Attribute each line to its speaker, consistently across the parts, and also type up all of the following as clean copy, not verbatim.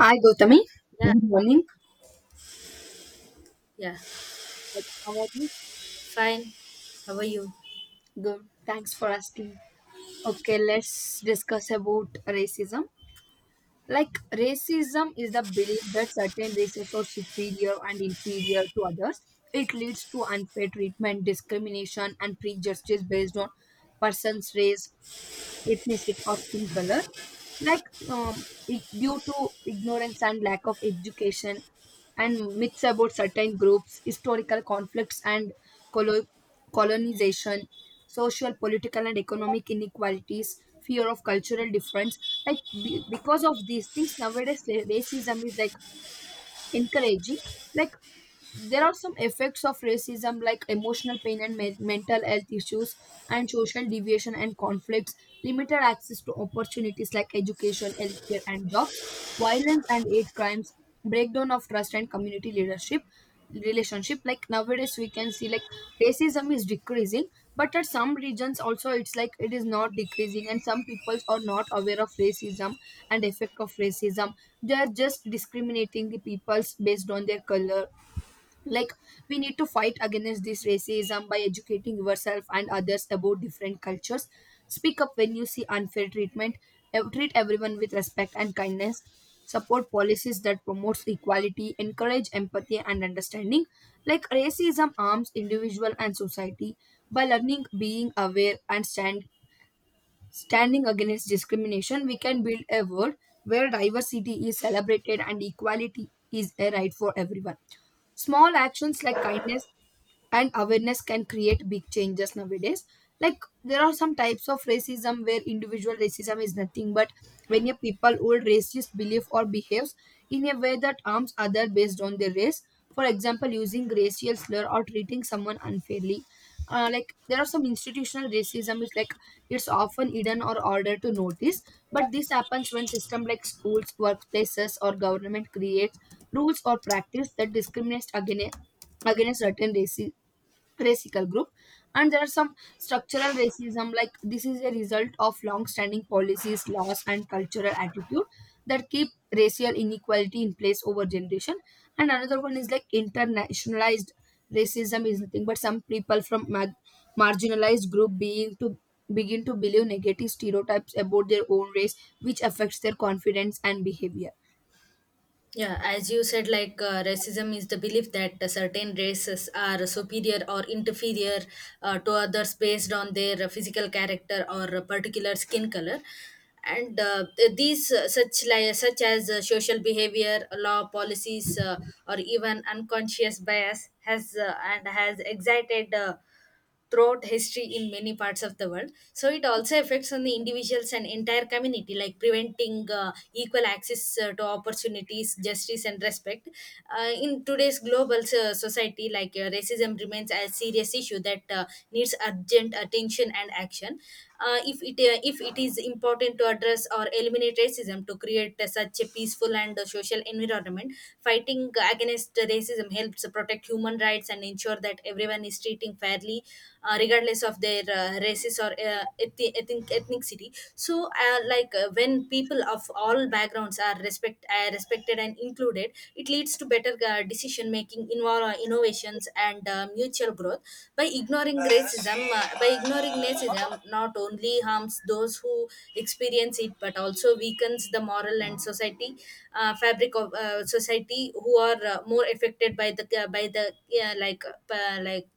Speaker 1: Hi Gautami.
Speaker 2: Yeah,
Speaker 1: Good morning.
Speaker 2: yeah,
Speaker 1: How are you?
Speaker 2: fine. How are you?
Speaker 1: Good. Thanks for asking. Okay, let's discuss about racism. Like racism is the belief that certain races are superior and inferior to others. It leads to unfair treatment, discrimination, and prejudice based on person's race, ethnicity, or skin color like due to ignorance and lack of education and myths about certain groups, historical conflicts and colo- colonization, social, political, and economic inequalities, fear of cultural difference. Like because of these things, nowadays racism is like encouraging. Like there are some effects of racism like emotional pain and mental health issues and social deviation and conflicts, limited access to opportunities like education, healthcare and jobs, violence and hate crimes, breakdown of trust and community leadership relationship. Like nowadays we can see like racism is decreasing, but at some regions also, it's like it is not decreasing and some peoples are not aware of racism and effect of racism. They are just discriminating the peoples based on their color. Like we need to fight against this racism by educating yourself and others about different cultures, speak up when you see unfair treatment, treat everyone with respect and kindness, support policies that promotes equality, encourage empathy and understanding. Like racism harms individual and society. By learning, being aware and standing against discrimination, we can build a world where diversity is celebrated and equality is a right for everyone. Small actions like kindness and awareness can create big changes nowadays. Like there are some types of racism where individual racism is nothing but when a people hold racist belief or behaves in a way that harms other based on their race, for example using racial slur or treating someone unfairly. Like there are some institutional racism is like it's often hidden or harder to notice, but this happens when system like schools, workplaces or government creates rules or practice that discriminates against certain races, racial group. And there are some structural racism like this is a result of long standing policies, laws and cultural attitude that keep racial inequality in place over generation. And another one is like internationalized racism is nothing but some people from marginalized group being to begin to believe negative stereotypes about their own race, which affects their confidence and behavior.
Speaker 2: Yeah, as you said, racism is the belief that certain races are superior or inferior to others based on their physical character or particular skin color. And these such li- such as social behavior, law policies, or even unconscious bias has excited. Throughout history in many parts of the world, so it also affects on the individuals and entire community, like preventing equal access to opportunities, justice and respect in today's global society. Racism remains a serious issue that needs urgent attention and action. If it is important to address or eliminate racism to create such a peaceful and social environment, fighting against racism helps protect human rights and ensure that everyone is treating fairly, regardless of their races or ethnicity. So when people of all backgrounds are respected and included, it leads to better decision making, innovations and mutual growth. By ignoring racism not only harms those who experience it, but also weakens the moral and society fabric of society who are more affected by the uh, like uh, like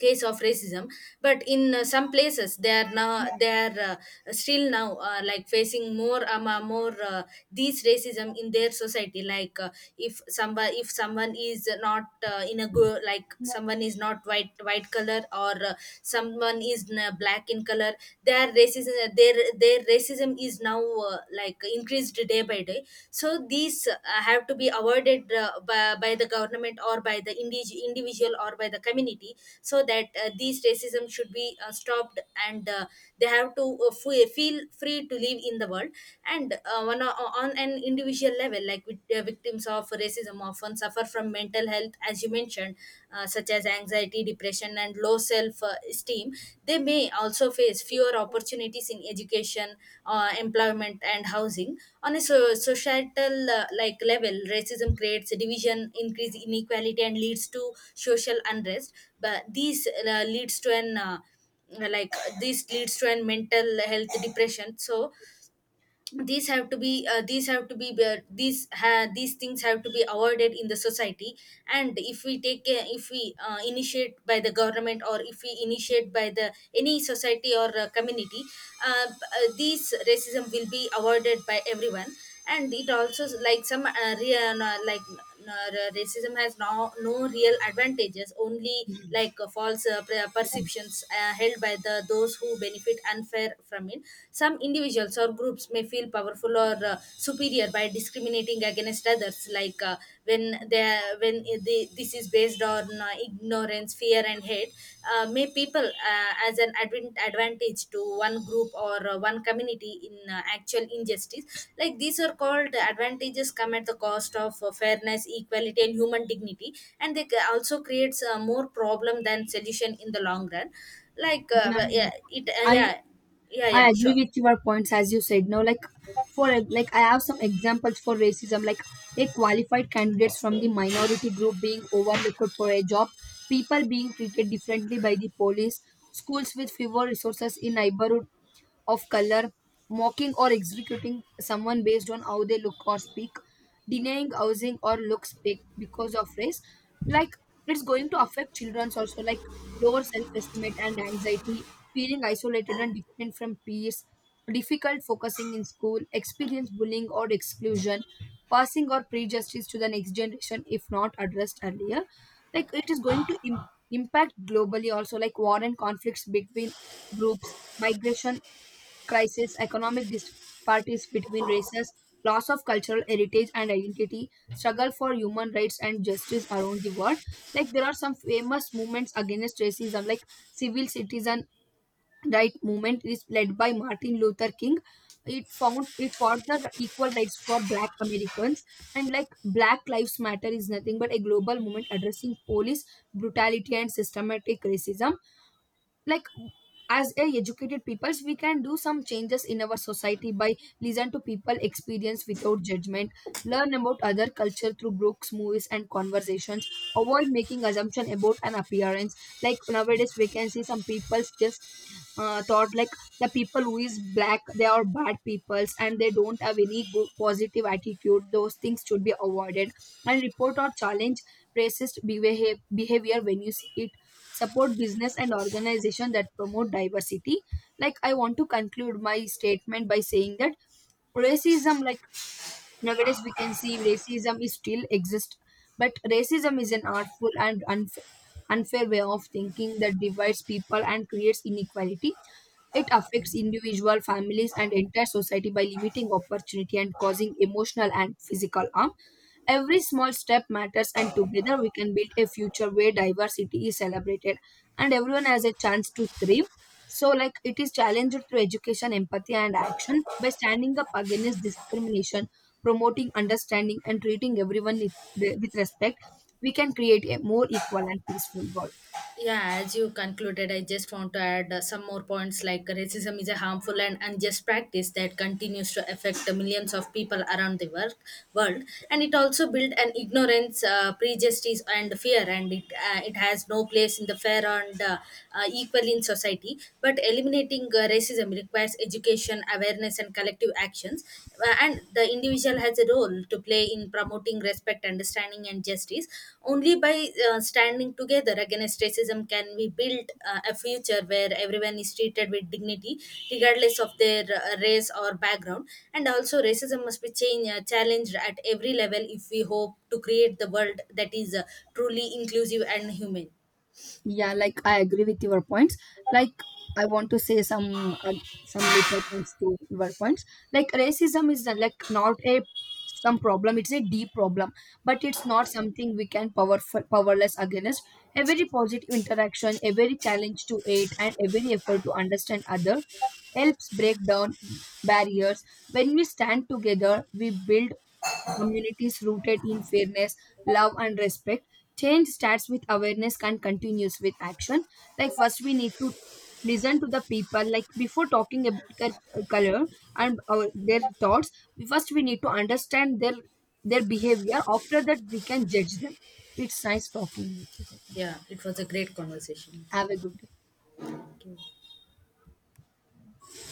Speaker 2: case of racism. But in some places they are now, they are still now like facing more these racism in their society. Like if somebody if someone is not in a go like someone is not white, white color, or someone is black in color, their racism is now like increased day by day. So these have to be avoided by the government or by the individual or by the community, so that these racism should be stopped, and they have to feel free to live in the world. And on an individual level, victims of racism often suffer from mental health, as you mentioned, such such as anxiety, depression, and low self esteem. They may also face fewer opportunities in education, employment, and housing. On a societal level, racism creates division, increase inequality, and leads to social unrest. But these leads to an like This leads to an mental health depression. So these have to be these have to be these ha- these things have to be avoided in the society. And if we take if we initiate by the government, or if we initiate by the any society or community, uh, uh, these racism will be avoided by everyone. And it also, like some re- like racism has no real advantages, only false perceptions held by the those who benefit unfair from it. Some individuals or groups may feel powerful or superior by discriminating against others, like when they when they, this is based on ignorance, fear and hate. May people as an advent advantage to one group or one community in actual injustice. Like these are called advantages come at the cost of fairness, equality and human dignity, and they also creates more problem than solution in the long run.
Speaker 1: Yeah. I
Speaker 2: Yeah. Yeah, yeah,
Speaker 1: I agree
Speaker 2: sure.
Speaker 1: with your points as you said. Now, like for like I have some examples for racism, like a qualified candidates from the minority group being overlooked for a job, people being treated differently by the police, schools with fewer resources in neighborhood of color, mocking or executing someone based on how they look or speak, denying housing or looks because of race, like it's going to affect children's also, like lower self estimate and anxiety, feeling isolated and different from peers, difficult focusing in school, experience bullying or exclusion, passing or prejudice to the next generation if not addressed earlier. Like it is going to impact globally also, like war and conflicts between groups, migration crisis, economic disparities between races, loss of cultural heritage and identity, struggle for human rights and justice around the world. Like there are some famous movements against racism, like civil citizen right movement is led by Martin Luther King. It found it fought the equal rights for Black Americans, and like Black Lives Matter is nothing but a global movement addressing police brutality and systematic racism. Like as a educated peoples we can do some changes in our society by listen to people experience without judgment, learn about other culture through books, movies and conversations, avoid making assumption about an appearance. Like nowadays we can see some people's just thought like the people who is black, they are bad peoples and they don't have any good positive attitude. Those things should be avoided, and report or challenge racist behavior when you see it, support business and organization that promote diversity. Like I want to conclude my statement by saying that racism, like, nowadays, we can see racism is still exist, but racism is an artful and unfair way of thinking that divides people and creates inequality. It affects individual families and entire society by limiting opportunity and causing emotional and physical harm. Every small step matters, and together we can build a future where diversity is celebrated and everyone has a chance to thrive. So, like, it is challenged through education, empathy, and action. By standing up against discrimination, promoting understanding and treating everyone with respect, we can create a more equal and peaceful world.
Speaker 2: Yeah, as you concluded, I just want to add some more points. Like racism is a harmful and unjust practice that continues to affect the millions of people around the world. And it also builds an ignorance, prejudice, and fear, and it has no place in the fair and equal in society. But eliminating racism requires education, awareness, and collective actions. Well, and the individual has a role to play in promoting respect, understanding and justice. Only by standing together against racism can we build a future where everyone is treated with dignity, regardless of their race or background. And also racism must be changed challenged at every level if we hope to create the world that is truly inclusive and human.
Speaker 1: Yeah, like I agree with your points. Like I want to say some little points to your points. Like racism is like not a some problem; it's a deep problem, but it's not something we can powerful powerless against. Every positive interaction, every challenge to it, and every effort to understand other helps break down barriers. When we stand together, we build communities rooted in fairness, love, and respect. Change starts with awareness and continues with action. Like, first, we need to listen to the people, like, before talking about their color and their thoughts, first we need to understand their behavior. After that, we can judge them. It's nice talking with you, Gautam.
Speaker 2: Yeah, it was a great conversation.
Speaker 1: Have a good day.
Speaker 2: Thank you.